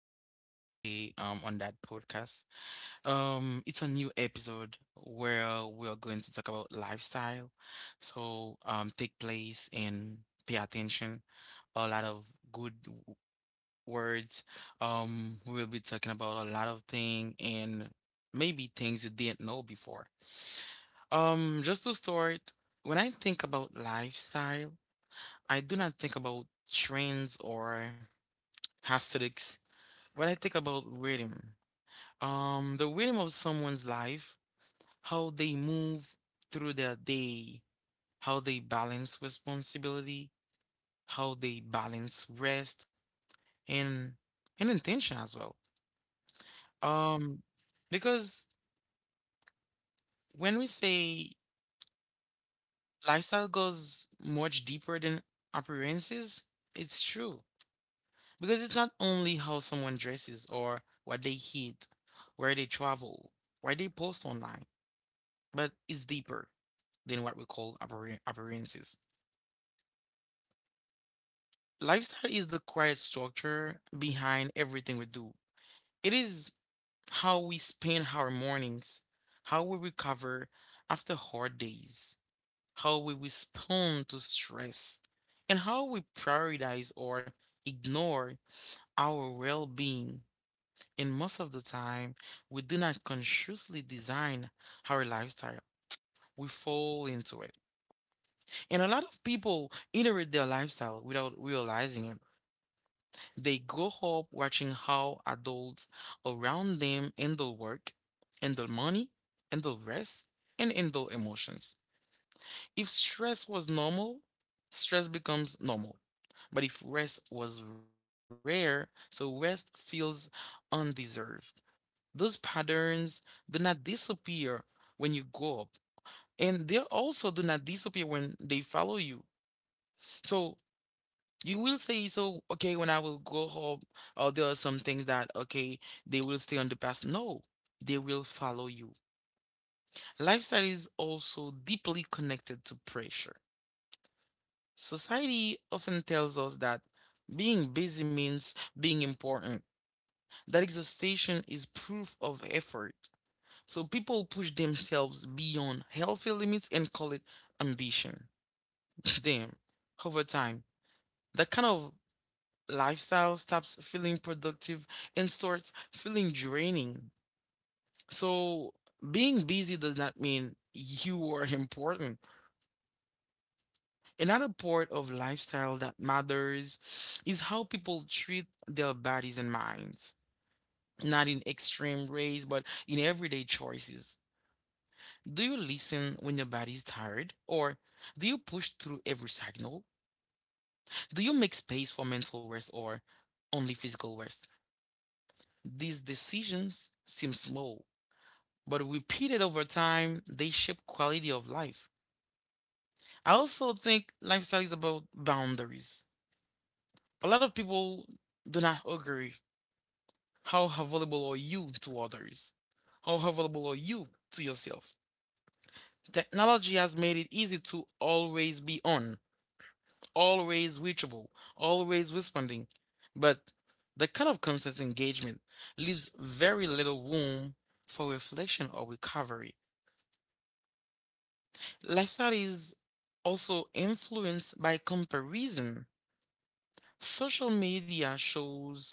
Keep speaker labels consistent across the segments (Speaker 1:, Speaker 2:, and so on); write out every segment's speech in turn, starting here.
Speaker 1: joining us today on that podcast. It's a new episode where we are going to talk about lifestyle. So take place and pay attention. A lot of good words. We will be talking about a lot of things and maybe things you didn't know before. Just to start, when I think about lifestyle, I do not think about trends or aesthetics. What I think about rhythm, the rhythm of someone's life, how they move through their day, how they balance responsibility, how they balance rest and and intention as well. Um, because when we say lifestyle goes much deeper than appearances, it's true. Because it's not only how someone dresses or what they eat, where they travel, where they post online, but it's deeper than what we call appearances. Lifestyle is the quiet structure behind everything we do. It is how we spend our mornings, how we recover after hard days, how we respond to stress, and how we prioritize or ignore our well being. And most of the time, we do not consciously design our lifestyle, we fall into it. And a lot of people iterate their lifestyle without realizing it. They grow up watching how adults around them handle work, handle money, handle rest, and handle emotions. If stress was normal, stress becomes normal. But if rest was rare, so rest feels undeserved. Those patterns do not disappear when you grow up, and they also do not disappear when they follow you. So you will say so, okay, when I will go home, or there are some things that, okay, they will stay on the past. No, they will follow you. Lifestyle is also deeply connected to pressure. Society often tells us that being busy means being important, that exhaustion is proof of effort. So people push themselves beyond healthy limits and call it ambition. Damn, over time, that kind of lifestyle stops feeling productive and starts feeling draining. So, being busy does not mean you are important. Another part of lifestyle that matters is how people treat their bodies and minds, not in extreme ways, but in everyday choices. Do you listen when your body is tired? Or do you push through every signal? Do you make space for mental rest or only physical rest? These decisions seem small, but repeated over time, they shape quality of life. I also think lifestyle is about boundaries. A lot of people do not agree. How available are you to others? How available are you to yourself? Technology has made it easy to always be on, always reachable, always responding. But the kind of constant engagement leaves very little room for reflection or recovery. Lifestyle is also influenced by comparison. Social media shows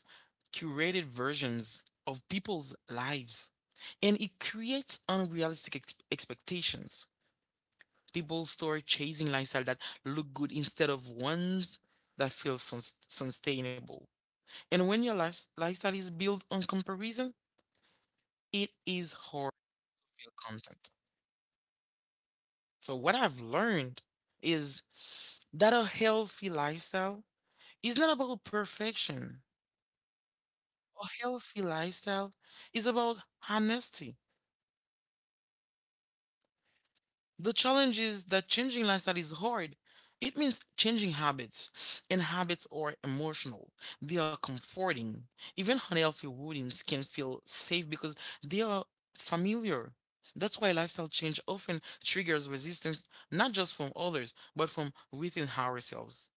Speaker 1: curated versions of people's lives and it creates unrealistic expectations. People start chasing lifestyle that look good instead of ones that feel sustainable. And when your lifestyle is built on comparison, it is hard to feel content. So what I've learned is that a healthy lifestyle, it's not about perfection or healthy lifestyle. It's about honesty. The challenge is that changing lifestyle is hard. It means changing habits, and habits are emotional. They are comforting. Even unhealthy routines can feel safe because they are familiar. That's why lifestyle change often triggers resistance, not just from others, but from within ourselves.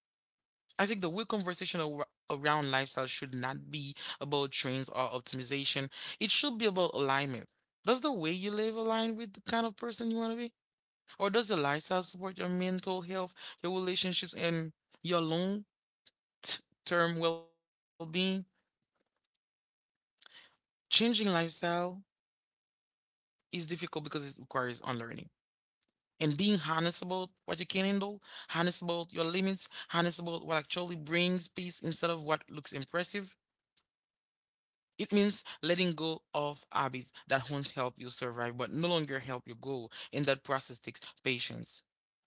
Speaker 1: I think the real conversation around lifestyle should not be about trends or optimization. It should be about alignment. Does the way you live align with the kind of person you want to be? Or does your lifestyle support your mental health, your relationships, and your long t- term well being? Changing lifestyle is difficult because it requires unlearning. And being honest about what you can handle, honest about your limits, honest about what actually brings peace instead of what looks impressive. It means letting go of habits that once helped you survive but no longer help you grow, and that process takes patience.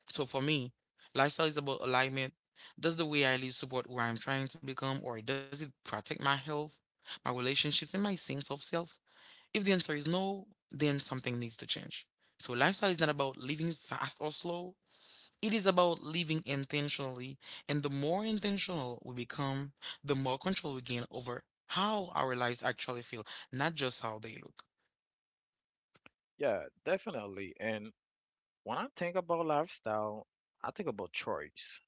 Speaker 1: So for me, lifestyle is about alignment. Does the way I live support who I'm trying to become, or does it protect my health, my relationships, and my sense of self? If the answer is no, then something needs to change. So lifestyle is not about living fast or slow. It is about living intentionally, and the more intentional we become, the more control we gain over how our lives actually feel, not just how they look.
Speaker 2: Yeah, definitely. And when I think about lifestyle, I think about choice,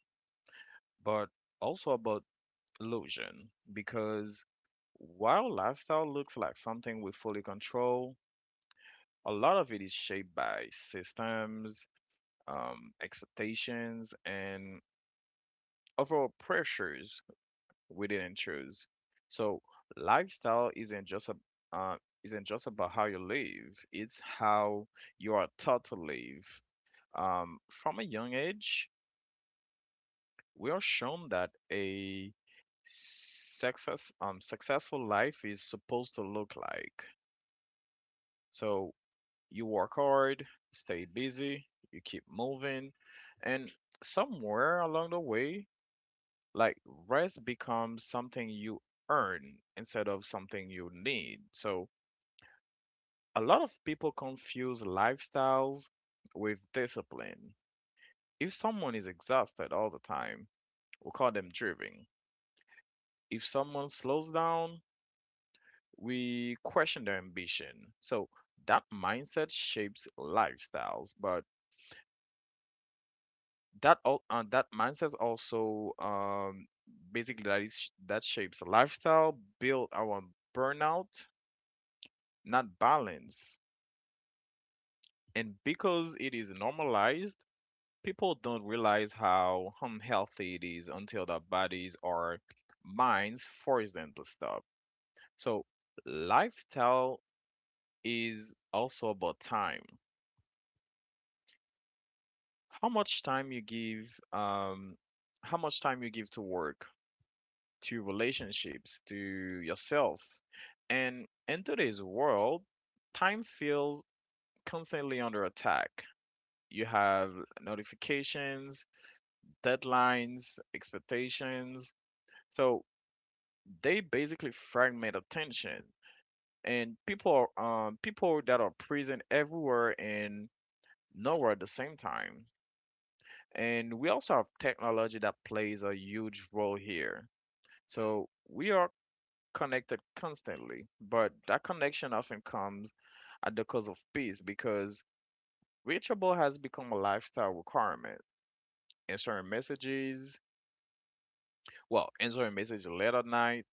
Speaker 2: but also about illusion because while lifestyle looks like something we fully control, a lot of it is shaped by systems, expectations, and overall pressures we didn't choose. So lifestyle uh, isn't just about how you live; it's how you are taught to live. From a young age, we are shown that a successful life is supposed to look like. So you work hard, stay busy, you keep moving, and somewhere along the way, like rest becomes something you earn instead of something you need. So a lot of people confuse lifestyles with discipline. If someone is exhausted all the time, we call them driven. If someone slows down, we question their ambition. So that mindset shapes lifestyles, but that all that mindset also basically that is that shapes lifestyle, build our burnout, not balance. And because it is normalized, people don't realize how unhealthy it is until their bodies or minds force them to stop. So lifestyle is also about time. How much time you give, um, how much time you give to work, to relationships, to yourself. And in today's world, time feels constantly under attack. You have notifications, deadlines, expectations. So they basically fragment attention. And people that are present everywhere and nowhere at the same time. And we also have technology that plays a huge role here. So we are connected constantly, but that connection often comes at the cost of peace because reachable has become a lifestyle requirement. Answering messages, well, answering messages late at night,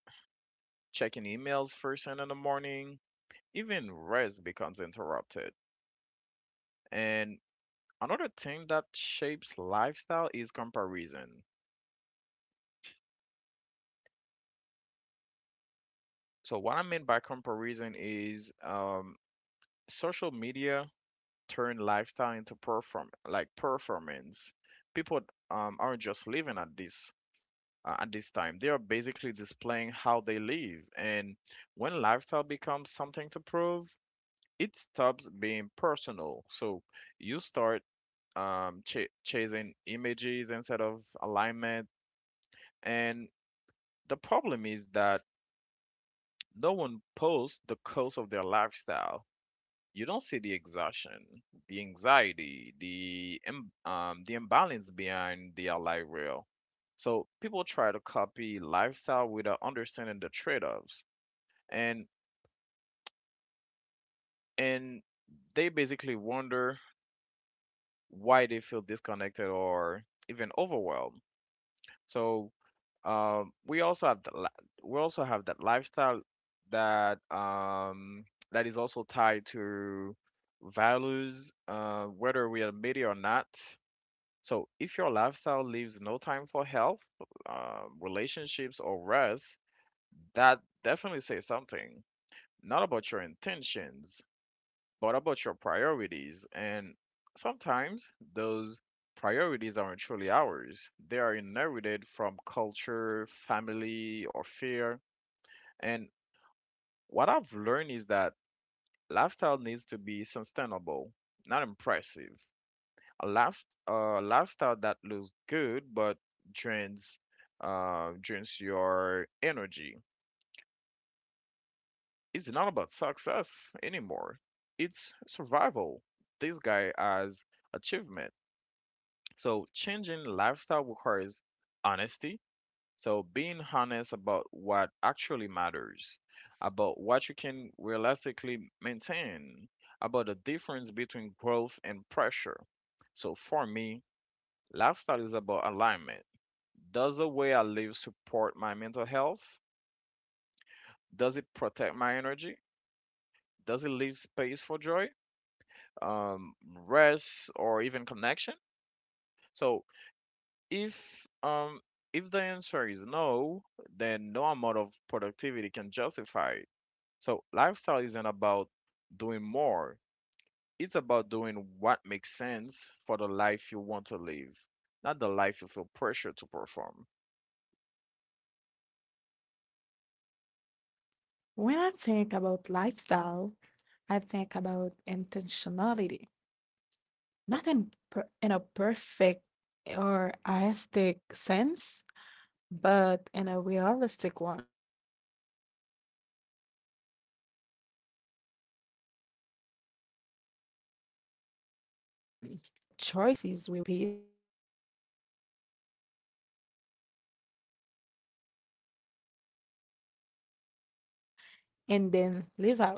Speaker 2: checking emails first thing in the morning, even rest becomes interrupted. And another thing that shapes lifestyle is comparison. So what I mean by comparison is, social media turned lifestyle into performance. People aren't just living at this time. They are basically displaying how they live. And when lifestyle becomes something to prove, it stops being personal. So you start chasing images instead of alignment. And the problem is that no one posts the cost of their lifestyle. You don't see the exhaustion, the anxiety, the imbalance behind the ally rail. So people try to copy lifestyle without understanding the trade-offs, and and they basically wonder why they feel disconnected or even overwhelmed. So, we also have that lifestyle that um, that is also tied to values, whether we admit it or not. So if your lifestyle leaves no time for health, relationships, or rest, that definitely says something. Not about your intentions, but about your priorities. And sometimes those priorities aren't truly ours; they are inherited from culture, family, or fear. And what I've learned is that lifestyle needs to be sustainable, not impressive. A lifestyle that looks good but drains drains your energy. It's not about success anymore. It's survival. This guy has achievement. So changing lifestyle requires honesty. So being honest about what actually matters, about what you can realistically maintain, about the difference between growth and pressure. So for me, lifestyle is about alignment. Does the way I live support my mental health? Does it protect my energy? Does it leave space for joy, um, rest, or even connection? So if um, if the answer is no, then no amount of productivity can justify it. So lifestyle isn't about doing more. It's about doing what makes sense for the life you want to live, not the life you feel pressure to perform.
Speaker 3: When I think about lifestyle, I think about intentionality, not in, per in a perfect or artistic sense, but in a realistic one. Lifestyle is the result of the choices we repeat, especially the ones we don't question. A lot of people believe lifestyle is something you design on and then live out.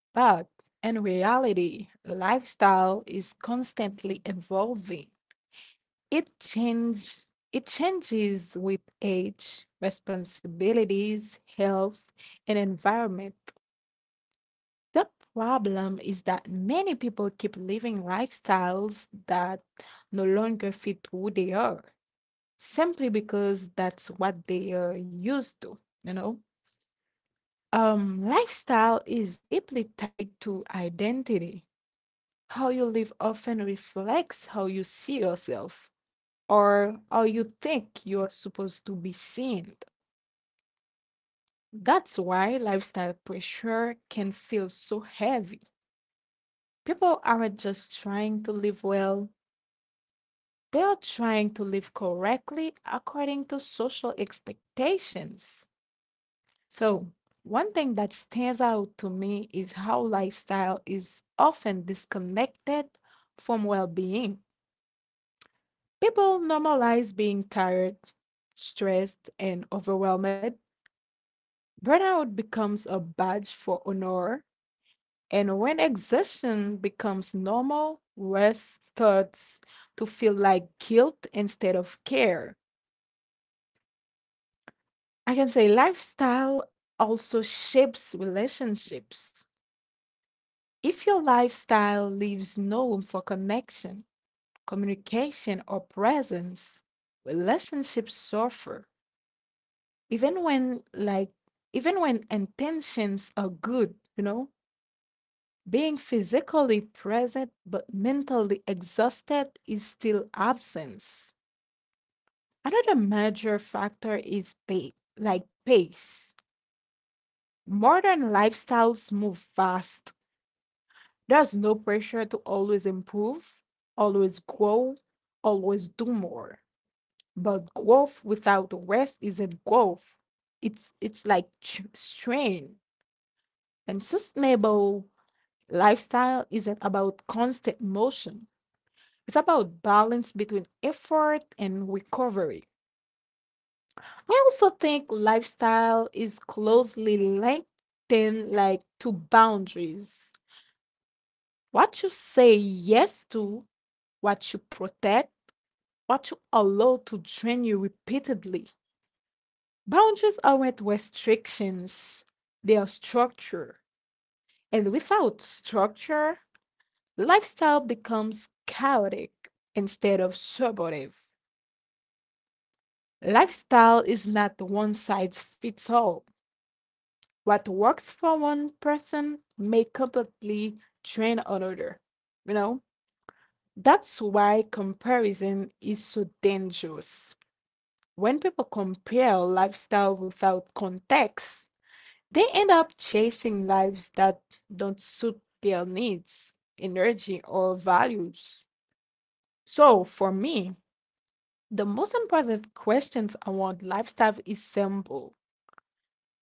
Speaker 3: But in reality, lifestyle is constantly evolving. It changes with age, responsibilities, health, and environment. The problem is that many people keep living lifestyles that no longer fit who they are simply because that's what they are used to, you know? Lifestyle is deeply tied to identity. How you live often reflects how you see yourself or how you think you are supposed to be seen. That's why lifestyle pressure can feel so heavy. People aren't just trying to live well, they are trying to live correctly according to social expectations. So, one thing that stands out to me is how lifestyle is often disconnected from well being. People normalize being tired, stressed, and overwhelmed. Burnout becomes a badge for honor. And when exhaustion becomes normal, rest starts to feel like guilt instead of care. I can say lifestyle also shapes relationships. If your lifestyle leaves no room for connection, communication, or presence, relationships suffer. Even when even when intentions are good, you know, being physically present but mentally exhausted is still absence. Another major factor is pay like pace. Modern lifestyles move fast. There's no pressure to always improve, always grow, always do more. But growth without rest isn't growth. It's like strain and sustainable. Lifestyle isn't about constant motion. It's about balance between effort and recovery. I also think lifestyle is closely linked, then like to boundaries. What you say yes to, what you protect, what you allow to drain you repeatedly. Boundaries aren't restrictions, they are structure. And without structure, lifestyle becomes chaotic instead of supportive. Lifestyle is not one size fits all. What works for one person may completely drain another. You know, that's why comparison is so dangerous. When people compare lifestyle without context, they end up chasing lives that don't suit their needs, energy, or values. So, for me, the most important questions around lifestyle is simple.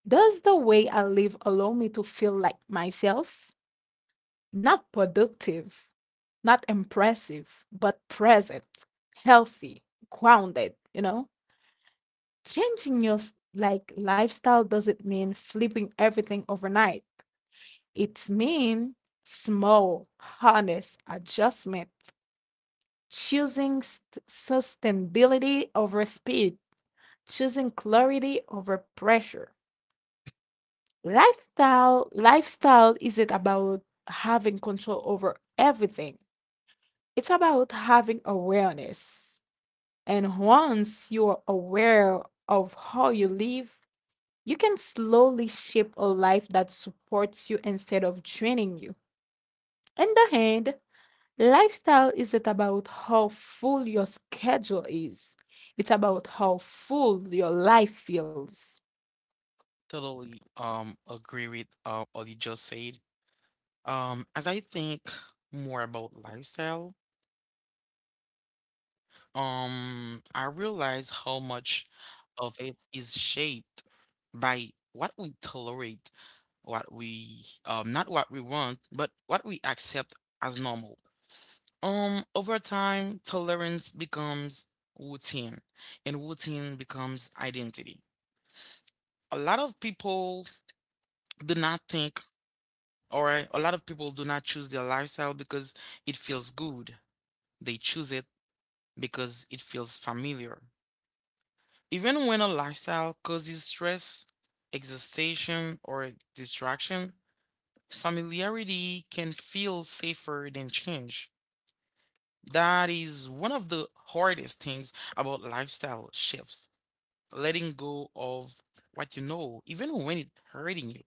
Speaker 3: Does the way I live allow me to feel like myself? Not productive, not impressive, but present, healthy, grounded, you know? Changing your lifestyle doesn't mean flipping everything overnight. It's mean small, honest adjustment, sustainability over speed, choosing clarity over pressure. Lifestyle isn't about having control over everything. It's about having awareness. And once you are aware of how you live, you can slowly shape a life that supports you instead of draining you. On the hand, lifestyle isn't about how full your schedule is. It's about how full your life feels.
Speaker 1: Totally agree with what you just said. As I think more about lifestyle, I realize how much of it is shaped by what we tolerate, what we not what we want, but what we accept as normal. Over time, tolerance becomes routine and routine becomes identity. A lot of people do not think, or a lot of people do not choose their lifestyle because it feels good. They choose it because it feels familiar. Even when a lifestyle causes stress, exhaustion, or distraction, familiarity can feel safer than change. That is one of the hardest things about lifestyle shifts, letting go of what you know, even when it's hurting you.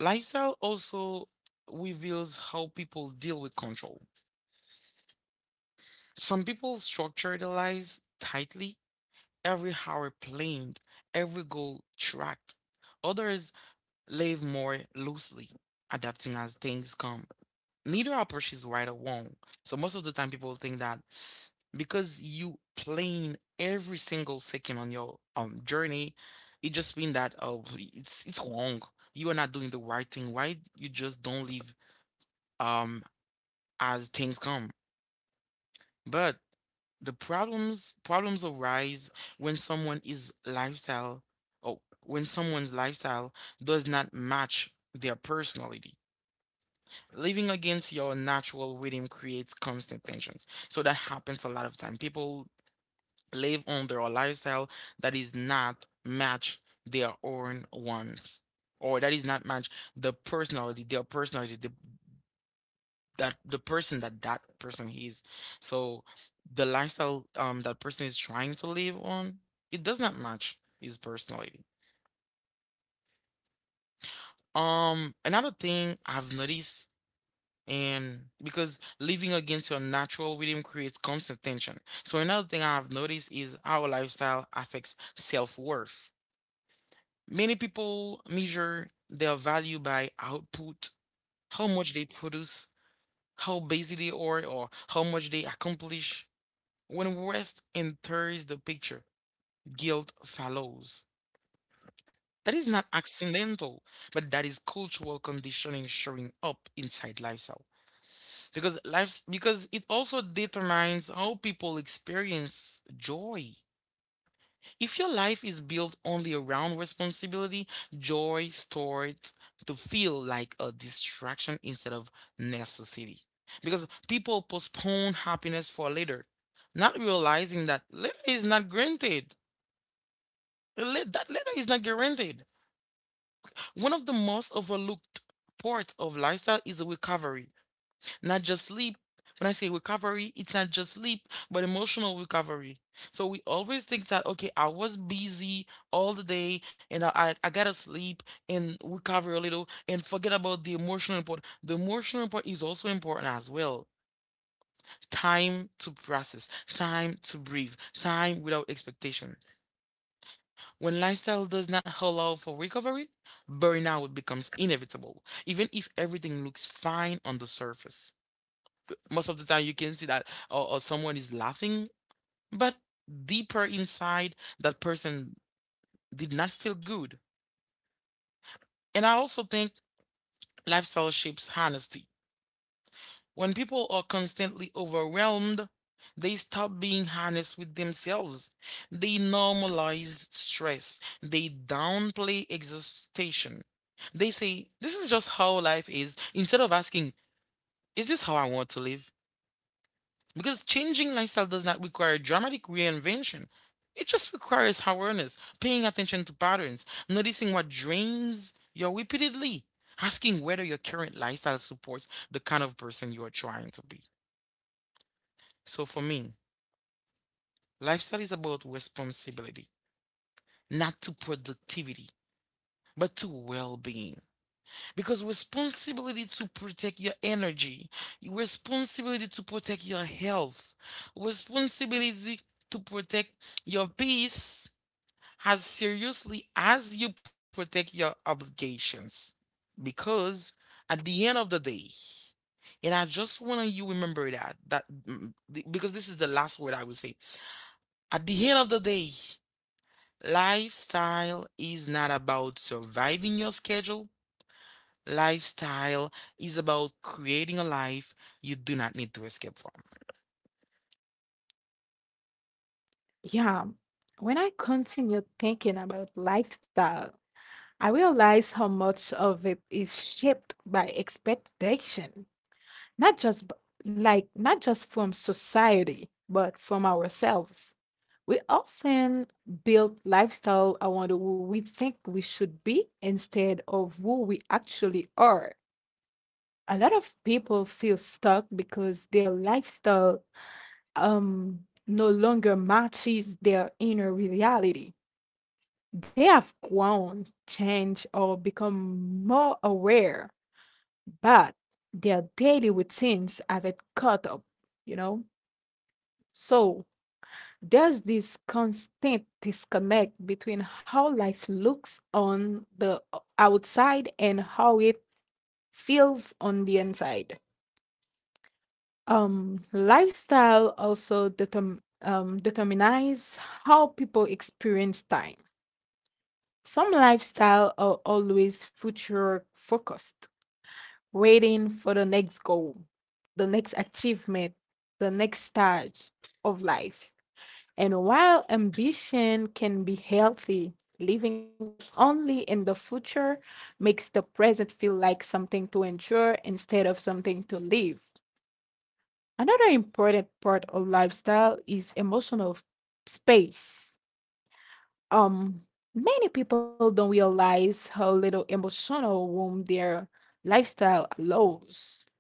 Speaker 1: Lifestyle also reveals how people deal with control. Some people structure their lives tightly, every hour planned, every goal tracked. Others live more loosely, adapting as things come. Neither approach is right or wrong. So most of the time, people think that because you playing every single second on your journey, it just means that oh it's wrong. You are not doing the right thing. Why you just don't live um as things come? But the problems arise when someone is lifestyle or when someone's lifestyle does not match their personality. Living against your natural rhythm creates constant tensions. So that happens a lot of time. People live under a lifestyle that is not match their own wants, or that is not match the personality, their personality, the, that the person that that person is. So the lifestyle that person is trying to live on, it does not match his personality. Another thing I've noticed and because living against your natural rhythm creates constant tension. So another thing I've noticed is how lifestyle affects self-worth. Many people measure their value by output, how much they produce, how busy they are, or how much they accomplish. When rest enters the picture, guilt follows. That is not accidental, but that is cultural conditioning showing up inside lifestyle. Because life's because it also determines how people experience joy. If your life is built only around responsibility, joy starts to feel like a distraction instead of necessity, because people postpone happiness for later, not realizing that later is not granted. That later is not guaranteed. One of the most overlooked parts of lifestyle is recovery, not just sleep. When I say recovery, it's not just sleep, but emotional recovery. So we always think that, okay, I was busy all the day and I gotta sleep and recover a little and forget about the emotional part. The emotional part is also important as well. Time to process, time to breathe, time without expectations. When lifestyle does not allow for recovery, burnout becomes inevitable, even if everything looks fine on the surface. Most of the time you can see that or someone is laughing but deeper inside that person did not feel good. And I also think lifestyle shapes honesty. When people are constantly overwhelmed, they stop being honest with themselves. They normalize stress, they downplay exhaustion, they say this is just how life is instead of asking is this how I want to live. Because changing lifestyle does not require dramatic reinvention. It just requires awareness, paying attention to patterns, noticing what drains you repeatedly, asking whether your current lifestyle supports the kind of person you are trying to be. So for me, lifestyle is about responsibility, not to productivity, but to well being. Because responsibility to protect your energy, responsibility to protect your health, responsibility to protect your peace as seriously as you protect your obligations. Because at the end of the day, and I just want you remember that because this is the last word I will say. At the end of the day, lifestyle is not about surviving your schedule. Lifestyle is about creating a life you do not need to escape from.
Speaker 3: Yeah, when I continued thinking about lifestyle, I realized how much of it is shaped by expectation, not just b- not just from society, but from ourselves. We often build lifestyle around who we think we should be instead of who we actually are. A lot of people feel stuck because their lifestyle um no longer matches their inner reality. They have grown, changed, or become more aware, but their daily routines haven't caught up, you know? So there's this constant disconnect between how life looks on the outside and how it feels on the inside. Lifestyle also determines how people experience time. Some lifestyle are always future focused, waiting for the next goal, the next achievement, the next stage of life. And while ambition can be healthy, living only in the future makes the present feel like something to endure instead of something to live. Another important part of lifestyle is emotional space. Um, Many people don't realize how little emotional room their lifestyle allows.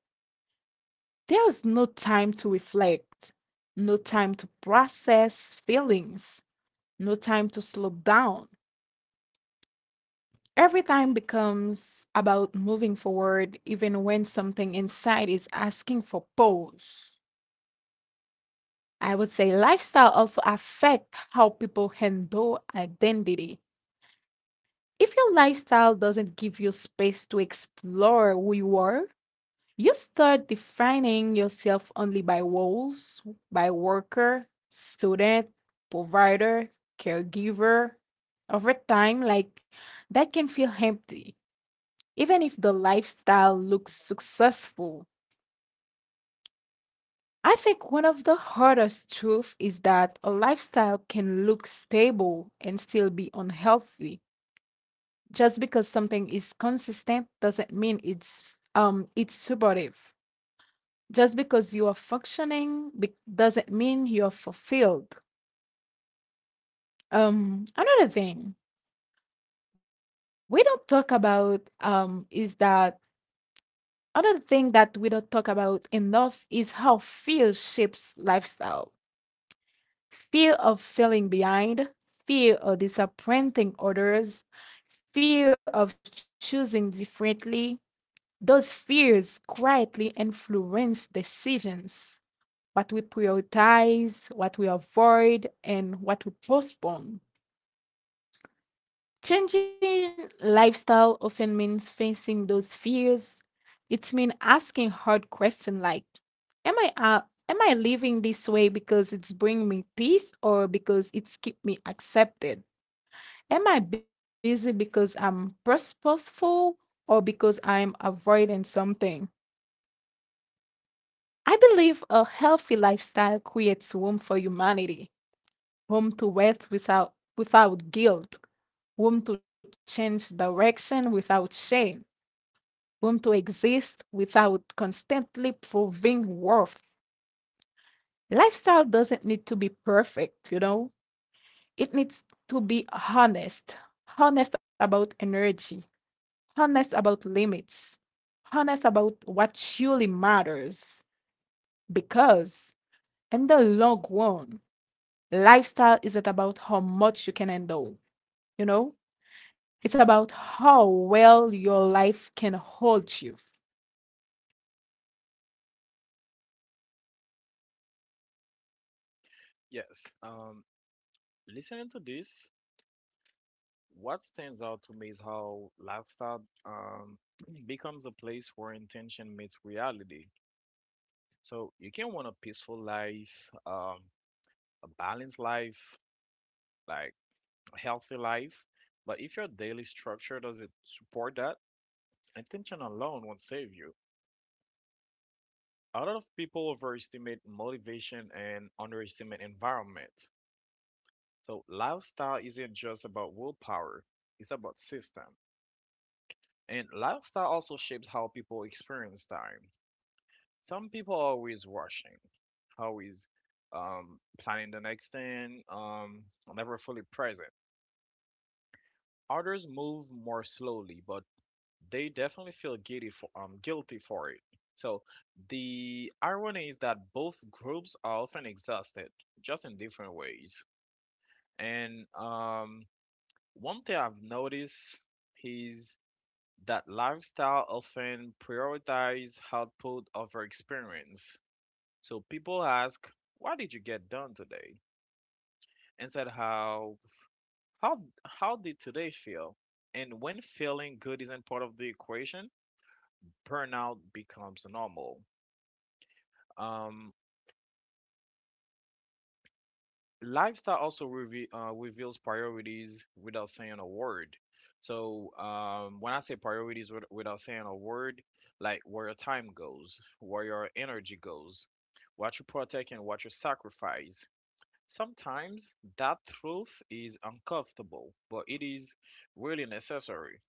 Speaker 3: There is no time to reflect, no time to process feelings, no time to slow down. Every time becomes about moving forward, even when something inside is asking for pause. I would say lifestyle also affect how people handle identity. If your lifestyle doesn't give you space to explore who you are, you start defining yourself only by roles, by worker, student, provider, caregiver. Over time, like that can feel empty, even if the lifestyle looks successful. I think one of the hardest truths is that a lifestyle can look stable and still be unhealthy. Just because something is consistent doesn't mean it's supportive. Just because you are functioning doesn't mean you're fulfilled. Another thing we don't talk about is that another thing that we don't talk about enough is how fear shapes lifestyle. Fear of feeling behind, fear of disappointing others, fear of choosing differently. Those fears quietly influence decisions: what we prioritize, what we avoid, and what we postpone. Changing lifestyle often means facing those fears. It means asking hard questions like, am I uh, am I living this way because it's bringing me peace or because it's keep me accepted? Am I busy because I'm purposeful or because I'm avoiding something? I believe a healthy lifestyle creates room for humanity. Home to wealth without guilt, whom to change direction without shame, whom to exist without constantly proving worth. Lifestyle doesn't need to be perfect, you know, it needs to be honest, honest about energy, honest about limits, honest about what truly matters. Because in the long run, lifestyle isn't about how much you can handle, you know? It's about how well your life can hold you.
Speaker 2: Yes. Listening to this, what stands out to me is how lifestyle becomes a place where intention meets reality. So you can want a peaceful life, a balanced life, like a healthy life, but if your daily structure doesn't support that, intention alone won't save you. A lot of people overestimate motivation and underestimate environment. So lifestyle isn't just about willpower; it's about system. And lifestyle also shapes how people experience time. Some people are always rushing, always planning the next thing, never fully present. Others move more slowly, but they definitely feel guilty for it. So the irony is that both groups are often exhausted, just in different ways. And, one thing I've noticed is that lifestyle often prioritizes output over experience. So people ask, "What did you get done today?" Instead, how did today feel? And when feeling good isn't part of the equation, burnout becomes normal. Um, Lifestyle also reveals priorities without saying a word. So when I say priorities without saying a word, like where your time goes, where your energy goes, what you protect and what you sacrifice. Sometimes that truth is uncomfortable, but it is really necessary.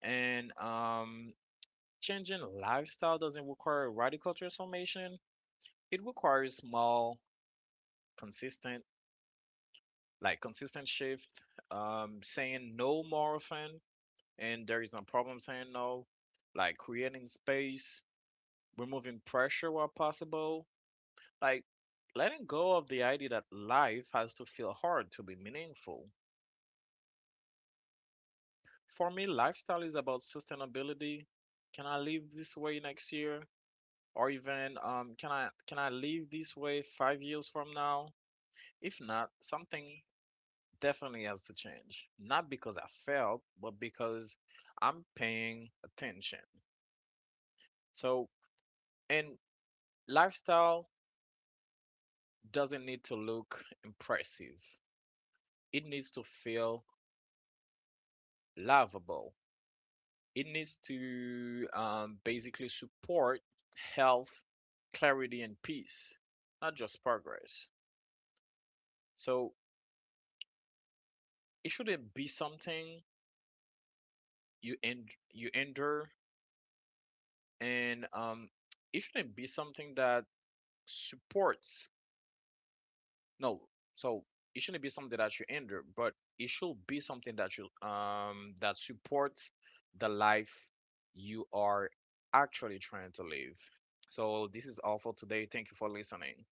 Speaker 2: And, changing lifestyle doesn't require radical transformation. It requires small, consistent, consistent shift, saying no more often, and there is no problem saying no, like creating space, removing pressure where possible, like letting go of the idea that life has to feel hard to be meaningful. For me, lifestyle is about sustainability. Can I live this way next year? Or even, can I live this way 5 years from now? If not, something definitely has to change. Not because I failed, but because I'm paying attention. So, and lifestyle doesn't need to look impressive. It needs to feel lovable. It needs to basically support health, clarity, and peace, not just progress. So it shouldn't be something you endure, and it shouldn't be something that supports. No, so it shouldn't be something that you endure, but it should be something that supports the life you are actually trying to live. So this is all for today. Thank you for listening.